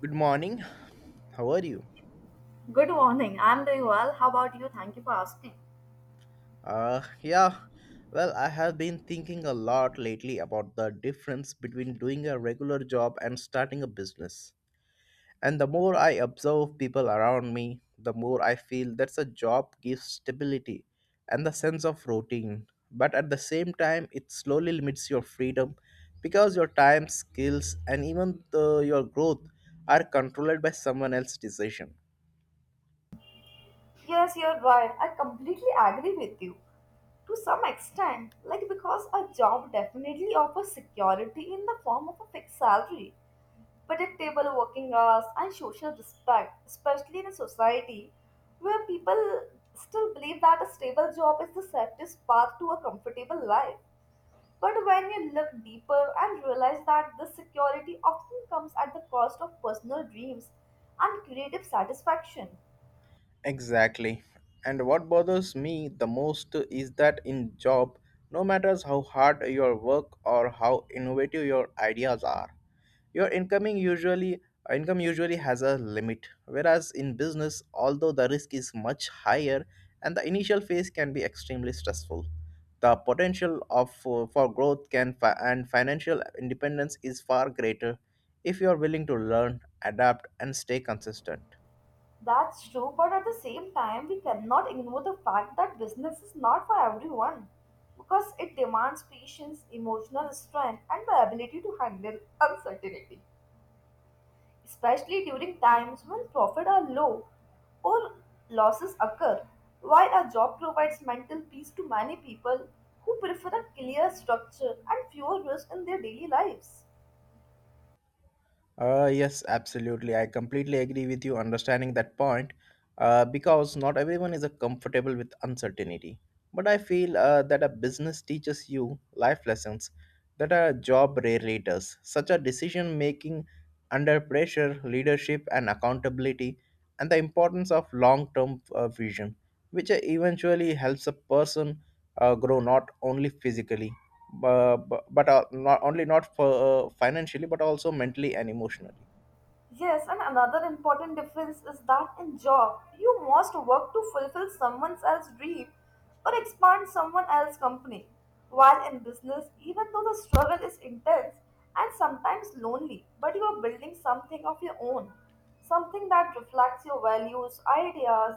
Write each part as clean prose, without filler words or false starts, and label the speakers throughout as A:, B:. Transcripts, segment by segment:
A: Good morning. How are you?
B: Good morning. I'm doing well. How about you? Thank you for asking.
A: Yeah. Well, I have been thinking a lot lately about the difference between doing a regular job and starting a business. And the more I observe people around me, the more I feel that a job gives stability and the sense of routine. But at the same time, it slowly limits your freedom because your time, skills, and even your growth are controlled by someone else's decision.
B: Yes, you're right. I completely agree with you to some extent, like because a job definitely offers security in the form of a fixed salary, predictable working hours, and social respect, especially in a society where people still believe that a stable job is the safest path to a comfortable life. But when you look deeper and realize that this security often comes at the cost of personal dreams and creative satisfaction.
A: Exactly. And what bothers me the most is that in job, no matters how hard your work or how innovative your ideas are, your incoming usually income usually has a limit. Whereas in business, although the risk is much higher and the initial phase can be extremely stressful, the potential for growth and financial independence is far greater if you are willing to learn, adapt and stay consistent.
B: That's true, but at the same time, we cannot ignore the fact that business is not for everyone because it demands patience, emotional strength, and the ability to handle uncertainty, especially during times when profits are low or losses occur, while a job provides mental peace to many people who prefer a clear structure and fewer risks in their daily lives.
A: Yes, absolutely. I completely agree with you understanding that point, because not everyone is comfortable with uncertainty. But I feel that a business teaches you life lessons that a job rarely does, such as decision making under pressure, leadership, and accountability, and the importance of long term vision, which eventually helps a person grow not only physically bu- bu- but not only not for financially but also mentally and emotionally.
B: Yes, and another important difference is that in job, you must work to fulfill someone else's dream or expand someone else's company, while in business, even though the struggle is intense and sometimes lonely, but you are building something of your own, something that reflects your values, ideas,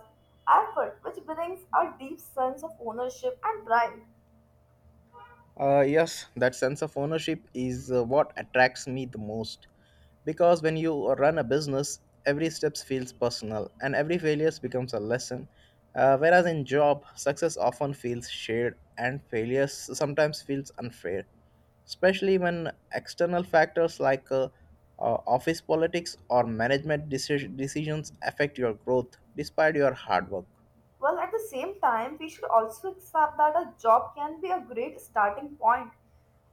B: effort, which brings a deep sense of ownership and pride.
A: Yes, that sense of ownership is what attracts me the most because when you run a business every step feels personal and every failure becomes a lesson, whereas in job success often feels shared and failures sometimes feels unfair, especially when external factors like office politics or management decisions affect your growth despite your hard work.
B: Well, at the same time, we should also accept that a job can be a great starting point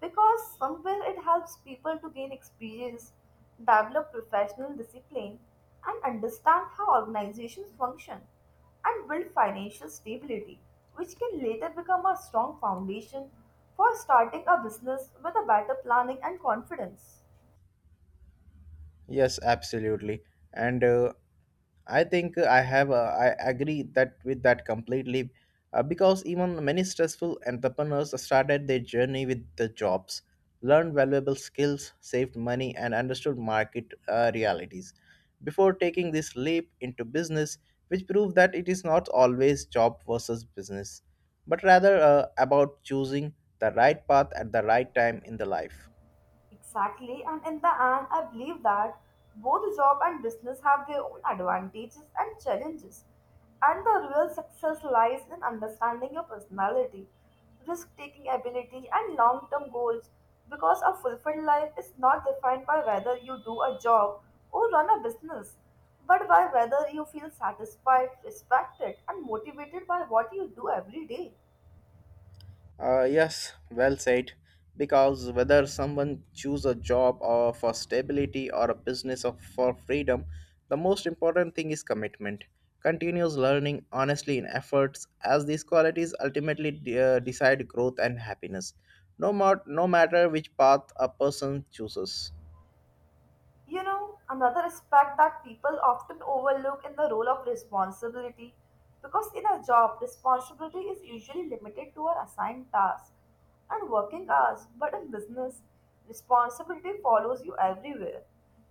B: because somewhere it helps people to gain experience, develop professional discipline, and understand how organizations function and build financial stability, which can later become a strong foundation for starting a business with a better planning and confidence.
A: Yes, absolutely. And I think I agree that with that completely, because even many stressful entrepreneurs started their journey with the jobs, learned valuable skills, saved money, and understood market realities before taking this leap into business, which proved that it is not always job versus business, but rather about choosing the right path at the right time in the life.
B: Exactly, and in the end, I believe that both job and business have their own advantages and challenges. And the real success lies in understanding your personality, risk taking ability, and long term goals because a fulfilled life is not defined by whether you do a job or run a business, but by whether you feel satisfied, respected, and motivated by what you do every day.
A: Yes, well said. Because whether someone choose a job or for stability or a business or for freedom, the most important thing is commitment. Continuous learning, honestly in efforts, as these qualities ultimately decide growth and happiness. No matter which path a person chooses.
B: You know, another aspect that people often overlook in the role of responsibility because in a job, responsibility is usually limited to our assigned tasks and working hours, but in business, responsibility follows you everywhere,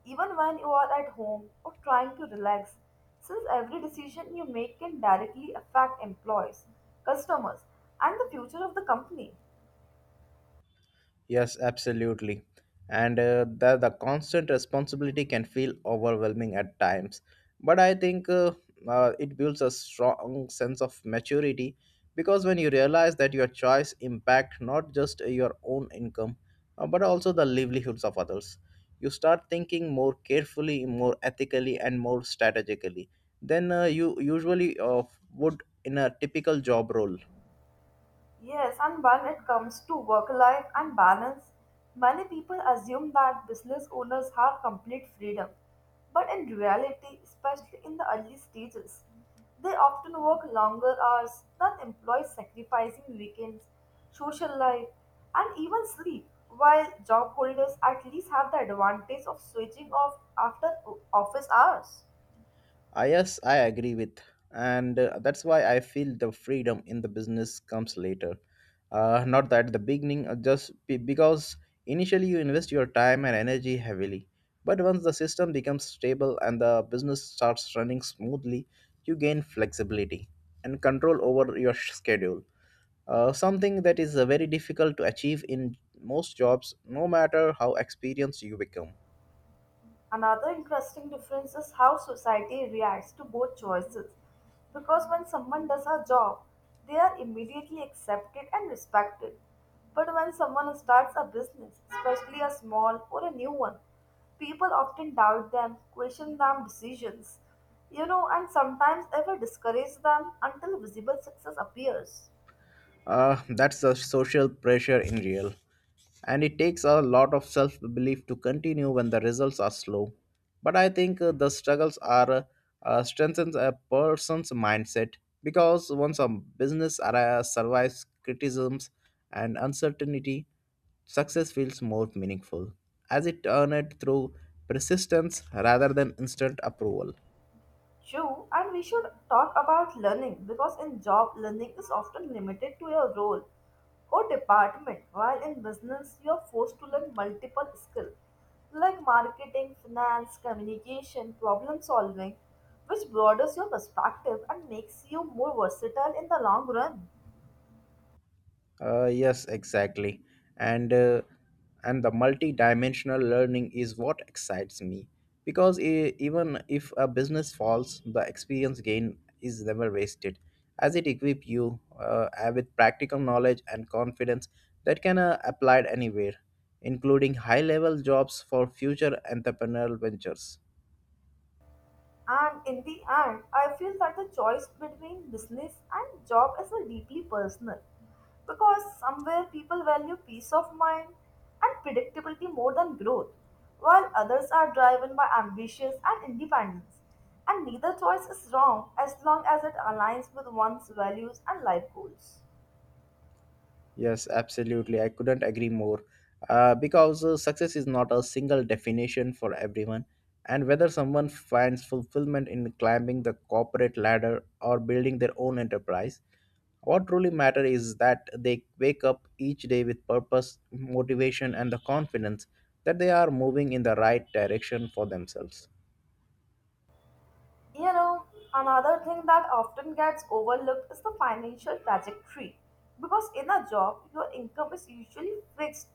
B: even when you are at home or trying to relax, since every decision you make can directly affect employees, customers, and the future of the company.
A: Yes, absolutely. And the constant responsibility can feel overwhelming at times. But I think, it builds a strong sense of maturity because when you realize that your choice impact not just your own income, but also the livelihoods of others, you start thinking more carefully, more ethically, and more strategically than you usually would in a typical job role.
B: Yes, and when it comes to work life and balance, many people assume that business owners have complete freedom. But in reality, especially in the early stages, they often work longer hours than employees, sacrificing weekends, social life, and even sleep, while job holders at least have the advantage of switching off after office hours.
A: Yes, I agree with, and that's why I feel the freedom in the business comes later, not at the beginning. Just because initially you invest your time and energy heavily, but once the system becomes stable and the business starts running smoothly, you gain flexibility and control over your schedule. Something that is very difficult to achieve in most jobs, no matter how experienced you become.
B: Another interesting difference is how society reacts to both choices, because when someone does a job, they are immediately accepted and respected. But when someone starts a business, especially a small or a new one, people often doubt them, question them decisions, you know, and sometimes even discourage them until visible success appears.
A: That's the social pressure in real. And it takes a lot of self belief to continue when the results are slow. But I think, the struggles are, strengthens a person's mindset because once a business survives criticisms and uncertainty, success feels more meaningful as it earned through persistence rather than instant approval.
B: True, and we should talk about learning because in job, learning is often limited to your role or department, while in business, you are forced to learn multiple skills like marketing, finance, communication, problem solving, which broadens your perspective and makes you more versatile in the long run.
A: Yes, exactly. And uh, and the multi-dimensional learning is what excites me because even if a business falls, the experience gain is never wasted, as it equip you with practical knowledge and confidence that can applied anywhere, including high-level jobs for future entrepreneurial ventures.
B: And in the end, I feel that the choice between business and job is a deeply personal because somewhere people value peace of mind and predictability more than growth, while others are driven by ambitions and independence. And neither choice is wrong as long as it aligns with one's values and life goals.
A: Yes, absolutely. I couldn't agree more. Because success is not a single definition for everyone. And whether someone finds fulfillment in climbing the corporate ladder or building their own enterprise, what truly matters is that they wake up each day with purpose, motivation, and the confidence that they are moving in the right direction for themselves.
B: You know, another thing that often gets overlooked is the financial trajectory, because in a job, your income is usually fixed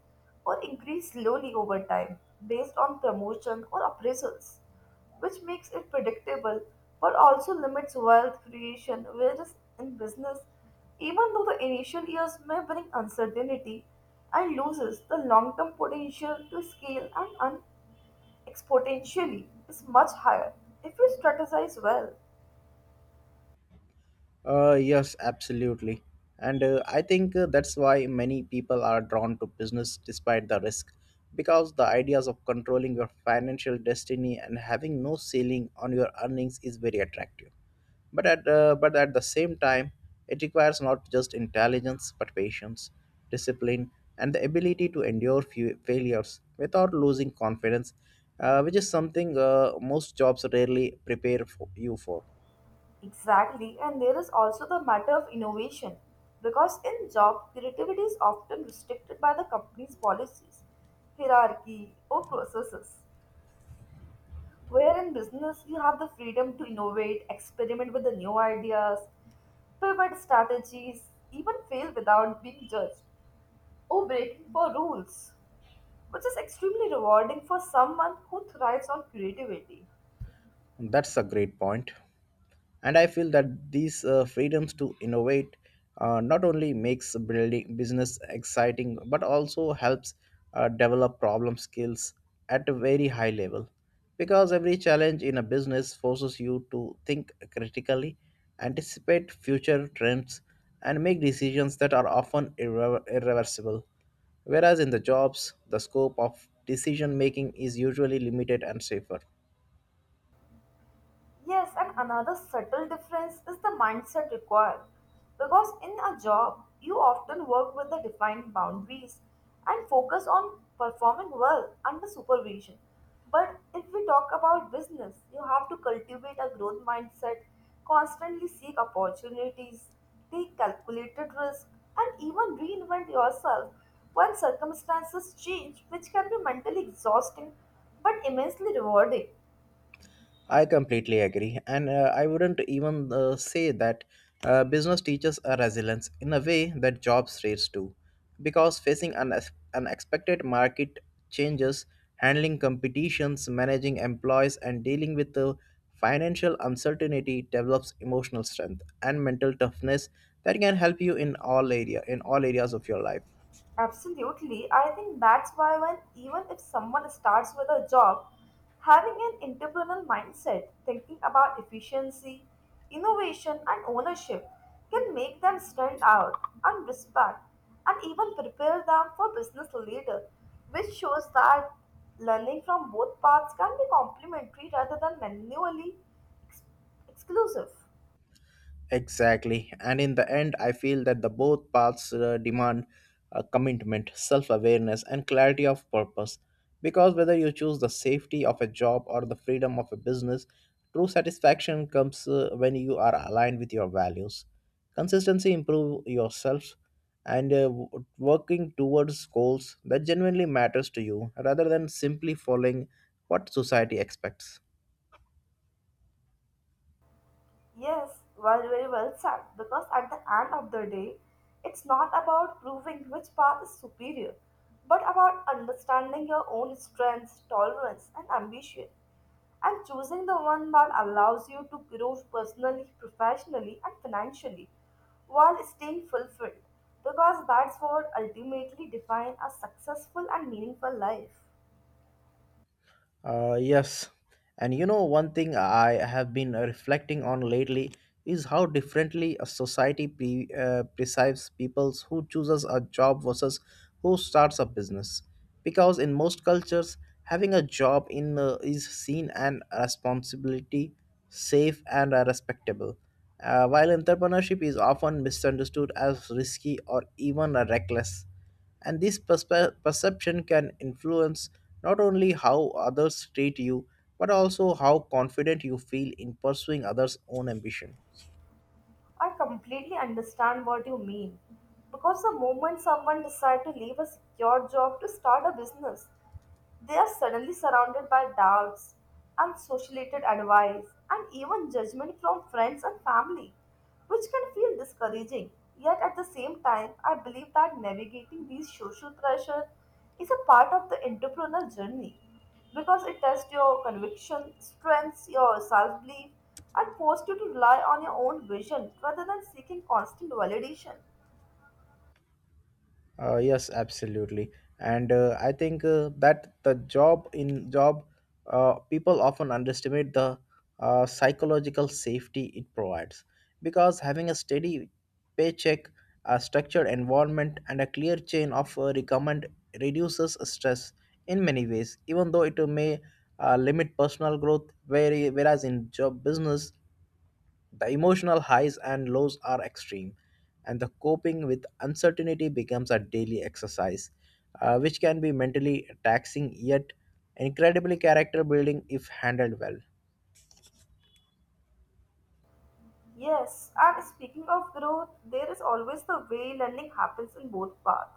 B: or increased slowly over time based on promotion or appraisals, which makes it predictable but also limits wealth creation, whereas in business, even though the initial years may bring uncertainty and loses, the long term potential to scale and exponentially is much higher if you strategize well.
A: Yes, absolutely. And I think, that's why many people are drawn to business despite the risk, because the ideas of controlling your financial destiny and having no ceiling on your earnings is very attractive. But at the same time, it requires not just intelligence but patience, discipline, and the ability to endure few failures without losing confidence, which is something most jobs rarely prepare for you for.
B: Exactly, and there is also the matter of innovation because in job, creativity is often restricted by the company's policies, hierarchy, or processes, where in business, you have the freedom to innovate, experiment with the new ideas, pivot strategies, even fail without being judged or breaking for rules, which is extremely rewarding for someone who thrives on creativity.
A: That's a great point. And I feel that these freedoms to innovate not only makes building business exciting but also helps develop problem skills at a very high level because every challenge in a business forces you to think critically, anticipate future trends, and make decisions that are often irreversible, whereas in the jobs the scope of decision making is usually limited and safer.
B: Yes, and another subtle difference is the mindset required. Because in a job, you often work with the defined boundaries and focus on performing well under supervision. But if we talk about business, you have to cultivate a growth mindset, constantly seek opportunities, take calculated risk, and even reinvent yourself when circumstances change, which can be mentally exhausting but immensely rewarding.
A: I completely agree, and I wouldn't even say that business teaches a resilience in a way that job rates do, because facing unexpected market changes, handling competitions, managing employees, and dealing with the financial uncertainty develops emotional strength and mental toughness that can help you in all areas of your life.
B: Absolutely. I think that's why when even if someone starts with a job, having an entrepreneurial mindset, thinking about efficiency, innovation and ownership can make them stand out and respect and even prepare them for business leader, which shows that learning from both paths can be complementary rather than manually ex- exclusive.
A: Exactly. And in the end, I feel that the both paths demand a commitment, self awareness, and clarity of purpose. Because whether you choose the safety of a job or the freedom of a business, true satisfaction comes when you are aligned with your values. Consistency improve yourself and working towards goals that genuinely matters to you rather than simply following what society expects.
B: Yes, well, very well said. Because at the end of the day, it's not about proving which path is superior, but about understanding your own strengths, tolerance, and ambition, and choosing the one that allows you to grow personally, professionally, and financially while staying fulfilled, because that's what ultimately defines a successful and meaningful life.
A: Yes. And you know, one thing I have been reflecting on lately is how differently a society perceives people who chooses a job versus who starts a business. Because in most cultures, having a job in is seen an responsibility, safe and respectable. While entrepreneurship is often misunderstood as risky or even reckless. And this perception can influence not only how others treat you, but also how confident you feel in pursuing others' own ambition.
B: I completely understand what you mean, because the moment someone decides to leave a secure job to start a business, they are suddenly surrounded by doubts, unsociated advice, and even judgment from friends and family, which can feel discouraging. Yet at the same time, I believe that navigating these social pressure is a part of the entrepreneurial journey because it tests your conviction, strengths your self belief, and forces you to rely on your own vision rather than seeking constant validation.
A: Yes, absolutely, and I think that the job in job, people often underestimate the psychological safety it provides, because having a steady paycheck, a structured environment, and a clear chain of recommend reduces stress in many ways. Even though it may limit personal growth, very whereas in job business the emotional highs and lows are extreme, and the coping with uncertainty becomes a daily exercise, which can be mentally taxing yet incredibly character building if handled well.
B: Yes, and speaking of growth, there is always the way learning happens in both paths.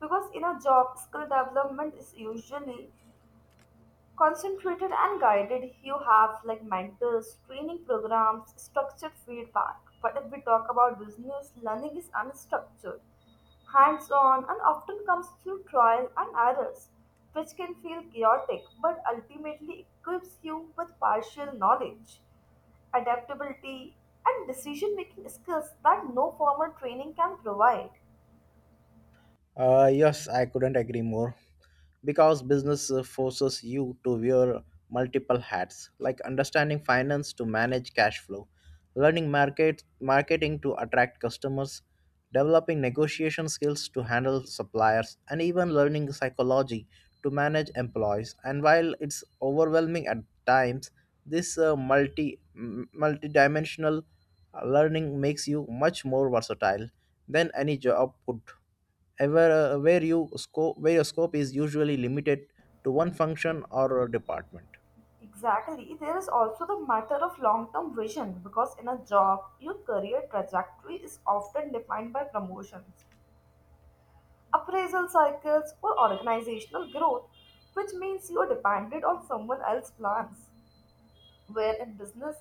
B: Because in a job, skill development is usually concentrated and guided. You have like mentors, training programs, structured feedback. But if we talk about business, learning is unstructured, hands on, and often comes through trial and errors, which can feel chaotic but ultimately equips you with partial knowledge adaptability, and decision making skills that no formal training can provide.
A: Yes, I couldn't agree more. Because business forces you to wear multiple hats like understanding finance to manage cash flow, learning market marketing to attract customers, developing negotiation skills to handle suppliers, and even learning psychology to manage employees. And while it's overwhelming at times, this multi-dimensional learning makes you much more versatile than any job could ever, uh, where your scope is usually limited to one function or a department.
B: Exactly. There is also the matter of long term vision because in a job, your career trajectory is often defined by promotions, appraisal cycles, or organizational growth, which means you are dependent on someone else's plans, where in business,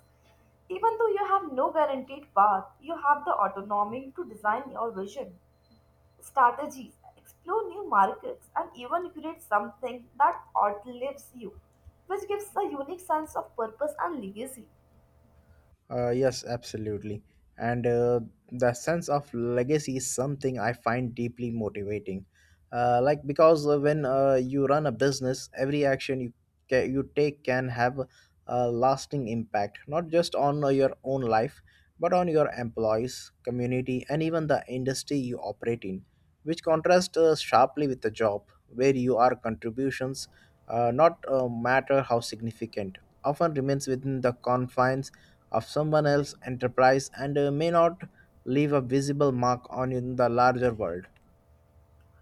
B: even though you have no guaranteed path, you have the autonomy to design your vision, strategies, explore new markets, and even create something that outlives you, which gives a unique sense of purpose and legacy.
A: Yes, absolutely. And the sense of legacy is something I find deeply motivating. Because when you run a business, every action you take can have a lasting impact, not just on your own life, but on your employees, community, and even the industry you operate in, which contrasts sharply with the job, where you are contributions not matter how significant, often remains within the confines of someone else's enterprise and may not leave a visible mark on in the larger world.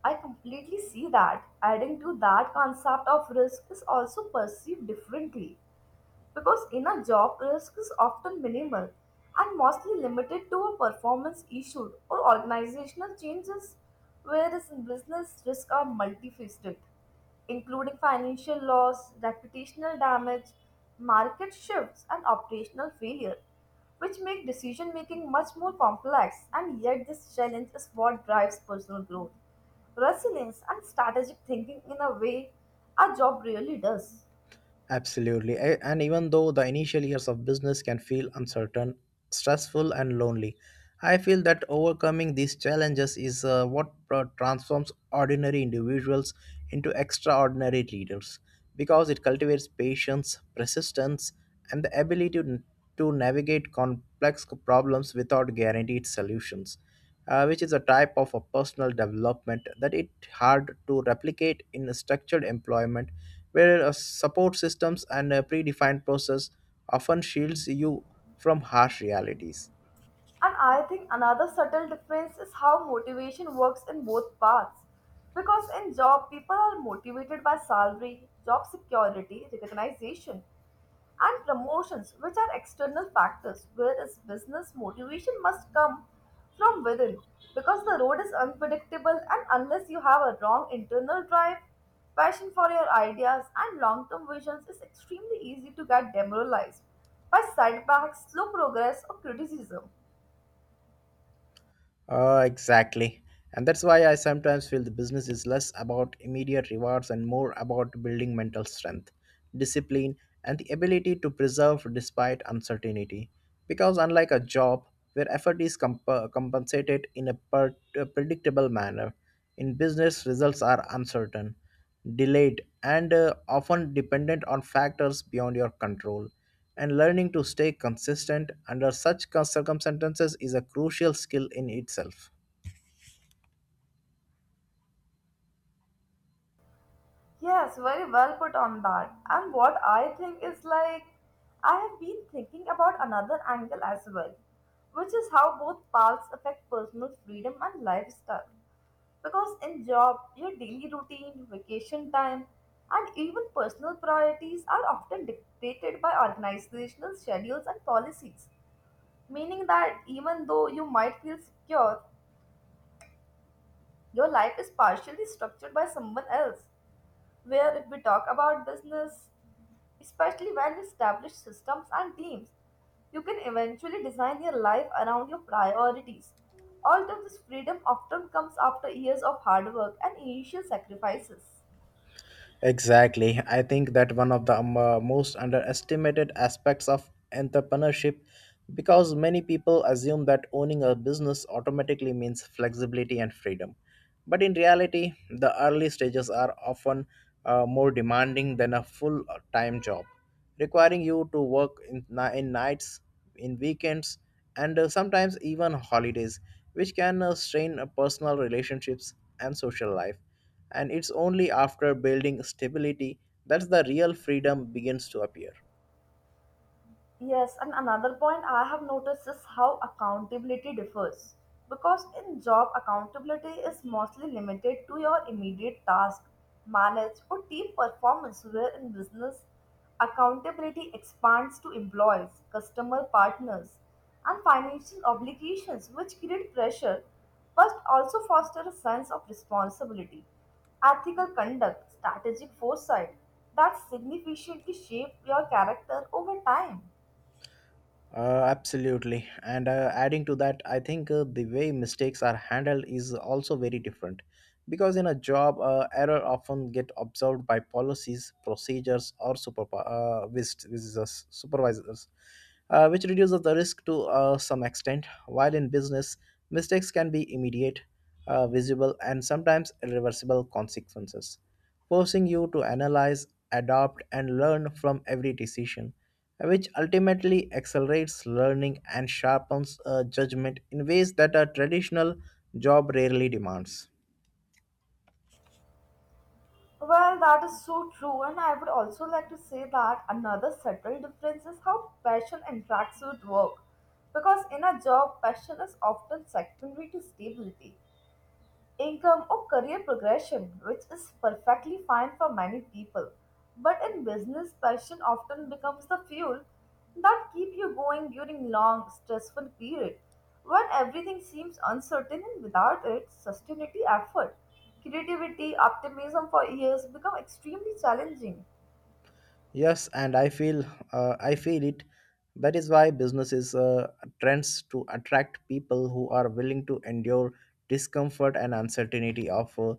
B: I completely see that. Adding to that, concept of risk is also perceived differently because in a job risk is often minimal and mostly limited to a performance issue or organizational changes, whereas in business risks are multifaceted including financial loss reputational damage market shifts and operational failure, which make decision making much more complex, and yet this challenge is what drives personal growth resilience and strategic thinking in a way a job really does.
A: Absolutely. And even though the initial years of business can feel uncertain, stressful, and lonely, I feel that overcoming these challenges is what transforms ordinary individuals into extraordinary leaders because it cultivates patience, persistence, and the ability to navigate complex problems without guaranteed solutions, which is a type of a personal development that it hard to replicate in a structured employment where support systems and a predefined process often shields you from harsh realities.
B: And I think another subtle difference is how motivation works in both paths. Because in job, people are motivated by salary, job security, recognition, and promotions, which are external factors, whereas business motivation must come from within because the road is unpredictable, and unless you have a wrong internal drive, passion for your ideas and long-term visions, it's extremely easy to get demoralized by setbacks, slow progress or criticism.
A: Exactly. And that's why I sometimes feel the business is less about immediate rewards and more about building mental strength, discipline, and the ability to preserve despite uncertainty. Because unlike a job where effort is compensated in a predictable manner, in business results are uncertain, delayed, and often dependent on factors beyond your control, and learning to stay consistent under such circumstances is a crucial skill in itself.
B: Yes, very well put on that. And what I think is like, I have been thinking about another angle as well, which is how both paths affect personal freedom and lifestyle. Because in job, your daily routine, vacation time, and even personal priorities are often dictated by organizational schedules and policies, meaning that even though you might feel secure, your life is partially structured by someone else. Where if we talk about business, especially when established systems and teams, you can eventually design your life around your priorities. All of this freedom often comes after years of hard work and initial sacrifices.
A: Exactly. I think that one of the most underestimated aspects of entrepreneurship, because many people assume that owning a business automatically means flexibility and freedom. But in reality, the early stages are often more demanding than a full time job, requiring you to work in, in nights, in weekends, and sometimes even holidays, which can strain personal relationships and social life, and it's only after building stability that the real freedom begins to appear.
B: Yes, and another point I have noticed is how accountability differs. Because in job, accountability is mostly limited to your immediate task, manage, or team performance, where in business, accountability expands to employees, customer partners, and financial obligations, which create pressure but also foster a sense of responsibility, ethical conduct, strategic foresight that significantly shape your character over time.
A: Absolutely. And adding to that, I think the way mistakes are handled is also very different. Because in a job, error often get observed by policies, procedures, or supervisors, which reduces the risk to some extent. While in business, mistakes can be immediate, visible, and sometimes irreversible consequences, forcing you to analyze, adapt, and learn from every decision, which ultimately accelerates learning and sharpens judgment in ways that a traditional job rarely demands.
B: Well, that is so true, and I would also like to say that another subtle difference is how passion interacts with work. Because in a job, passion is often secondary to stability, income or career progression, which is perfectly fine for many people. But in business, passion often becomes the fuel that keep you going during long, stressful period when everything seems uncertain, and without it, sustainability effort, creativity, optimism for years become extremely challenging.
A: Yes, and I feel I feel it. That is why businesses trends to attract people who are willing to endure discomfort and uncertainty of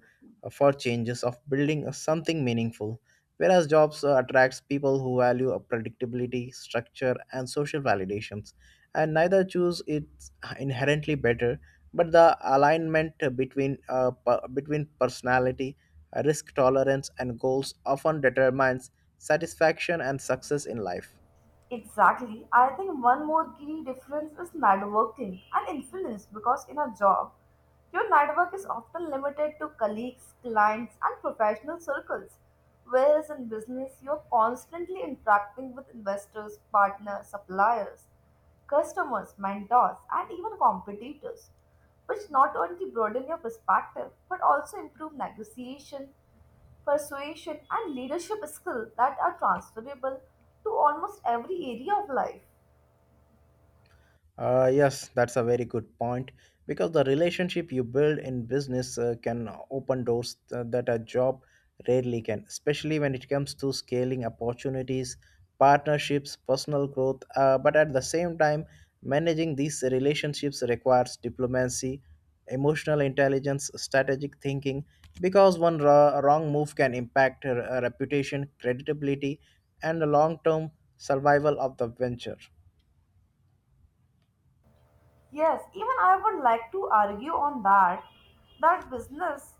A: for changes of building something meaningful. Whereas jobs attracts people who value a predictability, structure, and social validations, and neither choose it inherently better, but the alignment between between personality, risk tolerance and goals often determines satisfaction and success in life.
B: Exactly. I think one more key difference is networking and influence because in a job, your network is often limited to colleagues, clients, and professional circles. Whereas in business, you're constantly interacting with investors, partners, suppliers, customers, mentors, and even competitors, which not only broaden your perspective but also improve negotiation persuasion, and leadership skills that are transferable to almost every area of life.
A: Yes, that's a very good point because the relationship you build in business can open doors that a job rarely can, especially when it comes to scaling opportunities, partnerships, personal growth. But at the same time, managing these relationships requires diplomacy, emotional intelligence, strategic thinking, because one wrong move can impact reputation, credibility, and the long term survival of the venture.
B: Yes, even I would like to argue on that business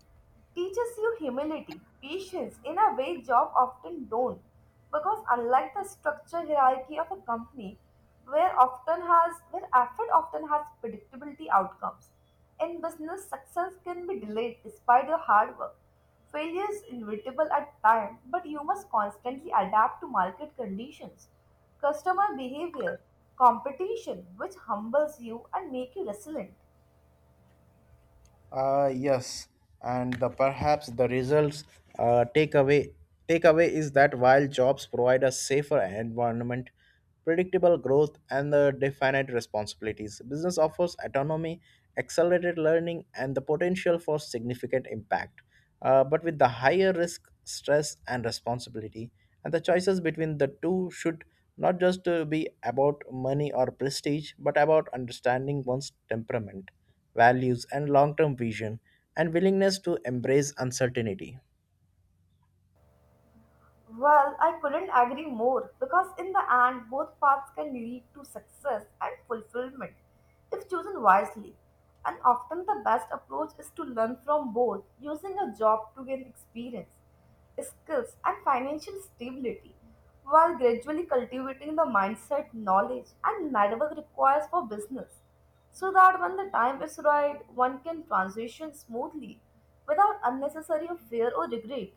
B: teaches you humility, patience in a way job often don't. Because unlike the structured hierarchy of a company, where effort often has predictability outcomes, in business success can be delayed despite your hard work. Failure is inevitable at time, but you must constantly adapt to market conditions customer behavior, competition, which humbles you and make you resilient.
A: Yes, and the perhaps the results uh, takeaway takeaway is that while jobs provide a safer environment, predictable growth, and the definite responsibilities, business offers autonomy, accelerated learning, and the potential for significant impact, but with the higher risk, stress, and responsibility. And the choices between the two should not just be about money or prestige, but about understanding one's temperament, values, and long term vision, and willingness to embrace uncertainty.
B: Well, I couldn't agree more because in the end, both paths can lead to success and fulfillment if chosen wisely. And often, the best approach is to learn from both, using a job to gain experience, skills, and financial stability, while gradually cultivating the mindset, knowledge, and network required for business, so that when the time is right, one can transition smoothly without unnecessary fear or regret.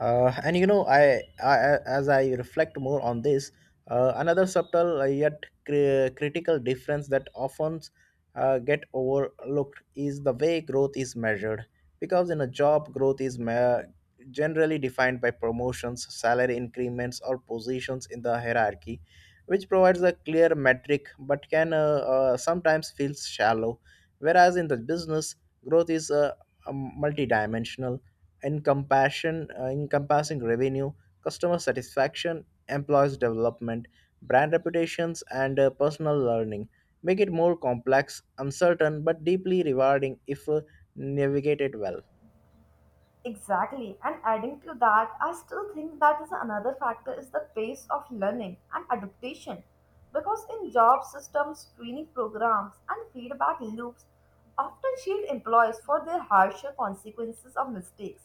A: And you know, I as I reflect more on this, another subtle yet critical difference that often get overlooked is the way growth is measured. Because in a job, growth is generally defined by promotions, salary increments, or positions in the hierarchy, which provides a clear metric but can sometimes feel shallow. Whereas in the business, growth is multi-dimensional in encompassing revenue, customer satisfaction, employees development, brand reputations, and personal learning. Make it more complex, uncertain, but deeply rewarding if navigated well.
B: Exactly. And adding to that, I still think that is another factor is the pace of learning and adaptation. Because in job systems, training programs, and feedback loops often shield employees for their harsher consequences of mistakes,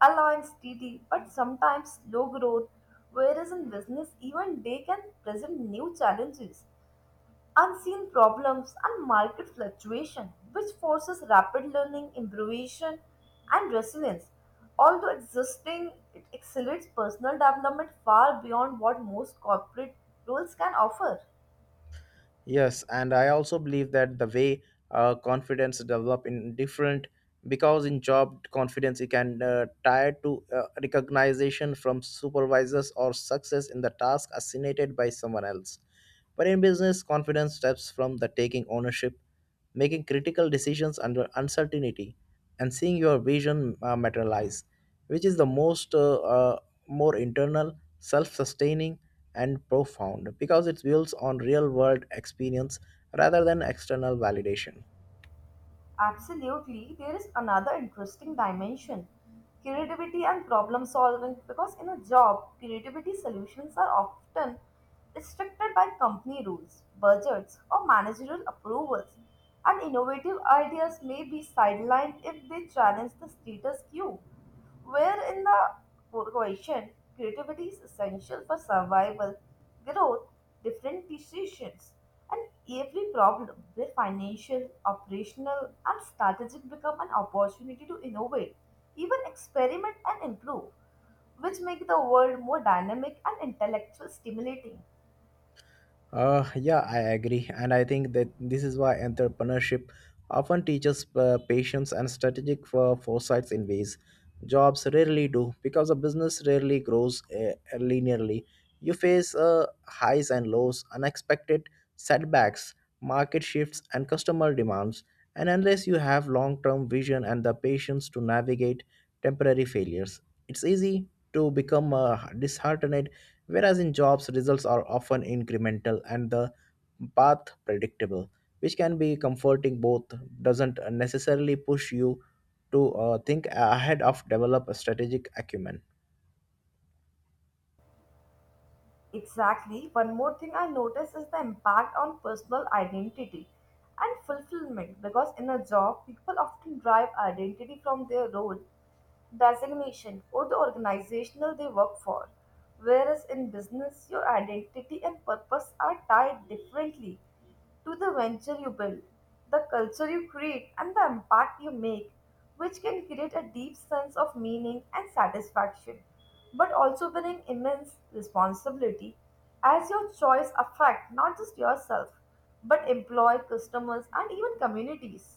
B: allowing steady but sometimes slow growth, whereas in business, even they can present new challenges unseen problems and market fluctuation which forces rapid learning improvisation and resilience although existing it accelerates personal development far beyond what most corporate roles can offer.
A: Yes, and I also believe that the way confidence develop in different, because in job confidence you can tie to recognition from supervisors or success in the task assigned by someone else. But in business, confidence steps from the taking ownership, making critical decisions under uncertainty, and seeing your vision materialize, which is the most more internal, self-sustaining, and profound because it builds on real-world experience rather than external validation.
B: Absolutely, there is another interesting dimension creativity and problem solving because in a job, creativity solutions are often restricted by company rules, budgets, or managerial approvals, and innovative ideas may be sidelined if they challenge the status quo. Where in the question, creativity is essential for survival, growth, different decisions and every problem, their financial, operational, and strategic, become an opportunity to innovate, even experiment and improve, which make the world more dynamic and intellectual stimulating.
A: Yeah, I agree. And I think that this is why entrepreneurship often teaches patience and strategic for foresights in ways jobs rarely do, because a business rarely grows linearly. You face highs and lows, unexpected setbacks, market shifts, and customer demands. And unless you have long term vision and the patience to navigate temporary failures, it's easy to become disheartened. Whereas in jobs, results are often incremental and the path predictable, which can be comforting, both doesn't necessarily push you to think ahead of develop a strategic acumen.
B: Exactly, one more thing I notice is the impact on personal identity and fulfillment because in a job, people often derive identity from their role designation, or the organizational they work for. Whereas in business, your identity and purpose are tied differently to the venture you build, the culture you create, and the impact you make, which can create a deep sense of meaning and satisfaction, but also bring immense responsibility as your choice affect not just yourself, but employ customers and even communities.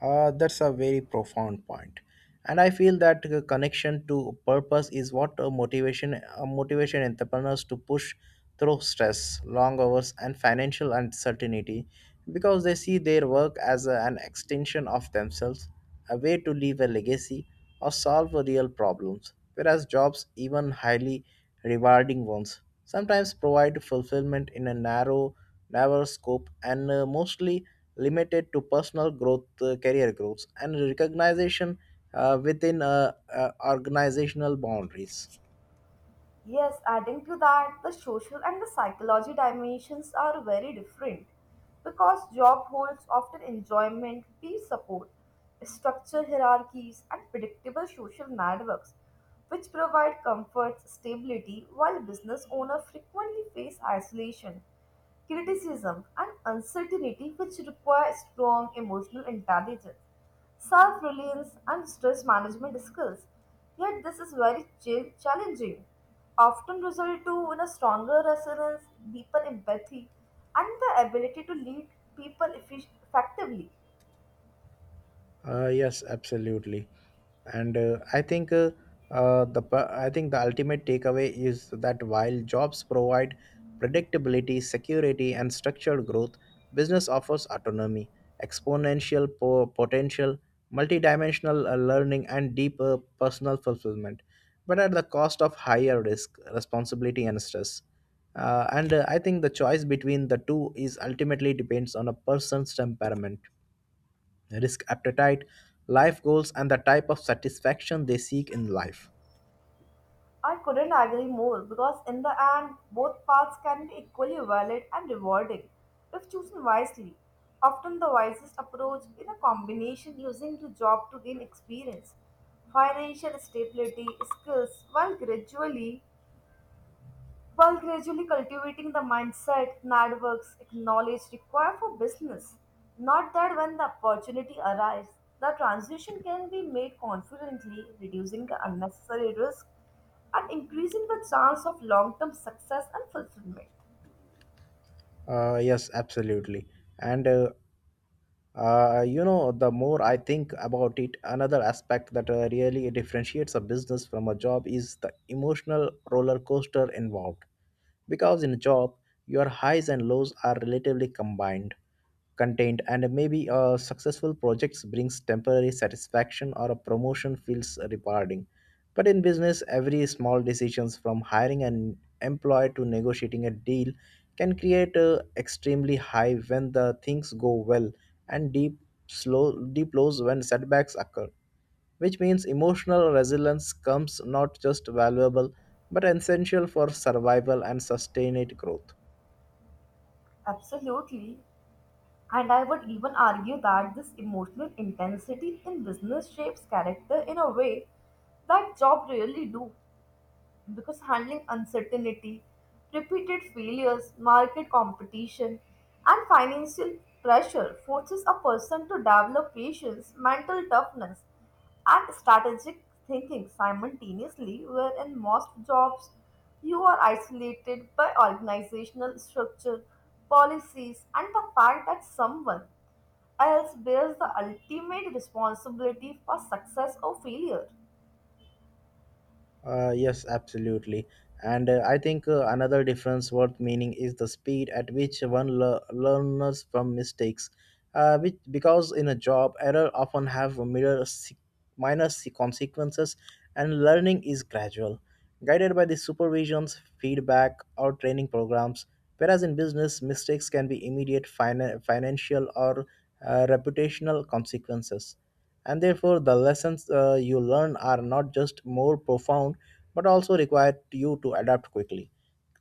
A: That's a very profound point, and I feel that the connection to purpose is what a motivation entrepreneurs to push through stress, long hours, and financial uncertainty, because they see their work as an extension of themselves, a way to leave a legacy or solve real problems. Whereas jobs, even highly rewarding ones, sometimes provide fulfillment in a narrow scope and mostly limited to personal growth, career growth, and recognition within organizational boundaries.
B: Yes, adding to that, the social and the psychology dimensions are very different because job holds often enjoyment, peer support, structured hierarchies, and predictable social networks, which provide comfort, stability, while business owners frequently face isolation criticism, and uncertainty, which require strong emotional intelligence, self reliance, and stress management skills. Yet, this is very challenging, often result to in a stronger resilience, deeper empathy, and the ability to lead people effectively.
A: Yes, absolutely. And I think the ultimate takeaway is that while jobs provide predictability, security, and structured growth, business offers autonomy, exponential potential, multidimensional learning, and deeper personal fulfillment, but at the cost of higher risk, responsibility, and stress. And I think the choice between the two is ultimately depends on a person's temperament, risk appetite, life goals, and the type of satisfaction they seek in life.
B: I couldn't agree more because, in the end, both paths can be equally valid and rewarding if chosen wisely. Often, the wisest approach is a combination using the job to gain experience, financial stability, skills, while gradually cultivating the mindset networks and knowledge required for business, not that when the opportunity arises, the transition can be made confidently, reducing the unnecessary risk and increasing the chance of long term success and fulfillment.
A: Yes, absolutely. And you know, the more I think about it, another aspect that really differentiates a business from a job is the emotional roller coaster involved. Because in a job, your highs and lows are relatively combined, contained, and maybe a successful project brings temporary satisfaction or a promotion feels rewarding. But in business, every small decisions from hiring an employee to negotiating a deal can create a extremely high when the things go well and slow deep lows when setbacks occur, which means emotional resilience comes not just valuable but essential for survival and sustained growth.
B: Absolutely. And I would even argue that this emotional intensity in business shapes character in a way that job really do. Because handling uncertainty, repeated failures, market competition, and financial pressure forces a person to develop patience, mental toughness, and strategic thinking simultaneously, where in most jobs you are isolated by organizational structure, policies, and the fact that someone else bears the ultimate responsibility for success or failure.
A: Yes, absolutely. And I think another difference worth meaning is the speed at which one learns from mistakes. Because in a job, error often have minor, consequences, and learning is gradual, guided by the supervisions, feedback, or training programs. Whereas in business, mistakes can be immediate financial or reputational consequences, and therefore the lessons you learn are not just more profound but also require you to adapt quickly,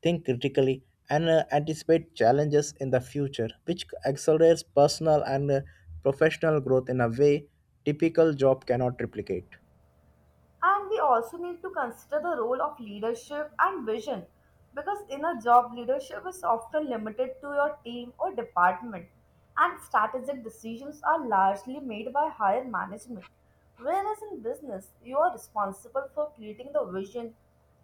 A: think critically, and anticipate challenges in the future, which accelerates personal and professional growth in a way typical job cannot replicate.
B: And we also need to consider the role of leadership and vision because in a job, leadership is often limited to your team or department, and strategic decisions are largely made by higher management. Whereas in business, you are responsible for creating the vision,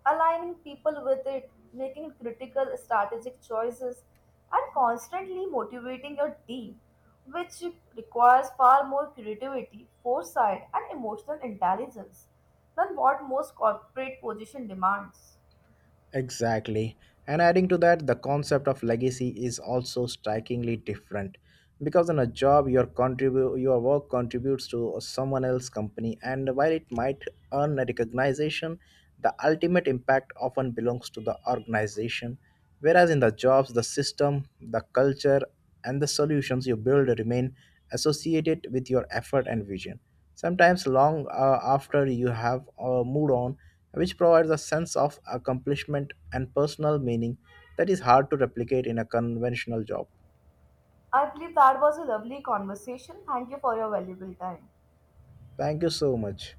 B: aligning people with it, making critical strategic choices, and constantly motivating your team, which requires far more creativity, foresight, and emotional intelligence than what most corporate position demands.
A: Exactly. And adding to that, the concept of legacy is also strikingly different. Because on a job, your work contributes to someone else's company, and while it might earn recognition, the ultimate impact often belongs to the organization. Whereas in the jobs, the system, the culture, and the solutions you build remain associated with your effort and vision, sometimes long after you have moved on, which provides a sense of accomplishment and personal meaning that is hard to replicate in a conventional job.
B: I believe that was a lovely conversation. Thank you for your valuable time.
A: Thank you so much.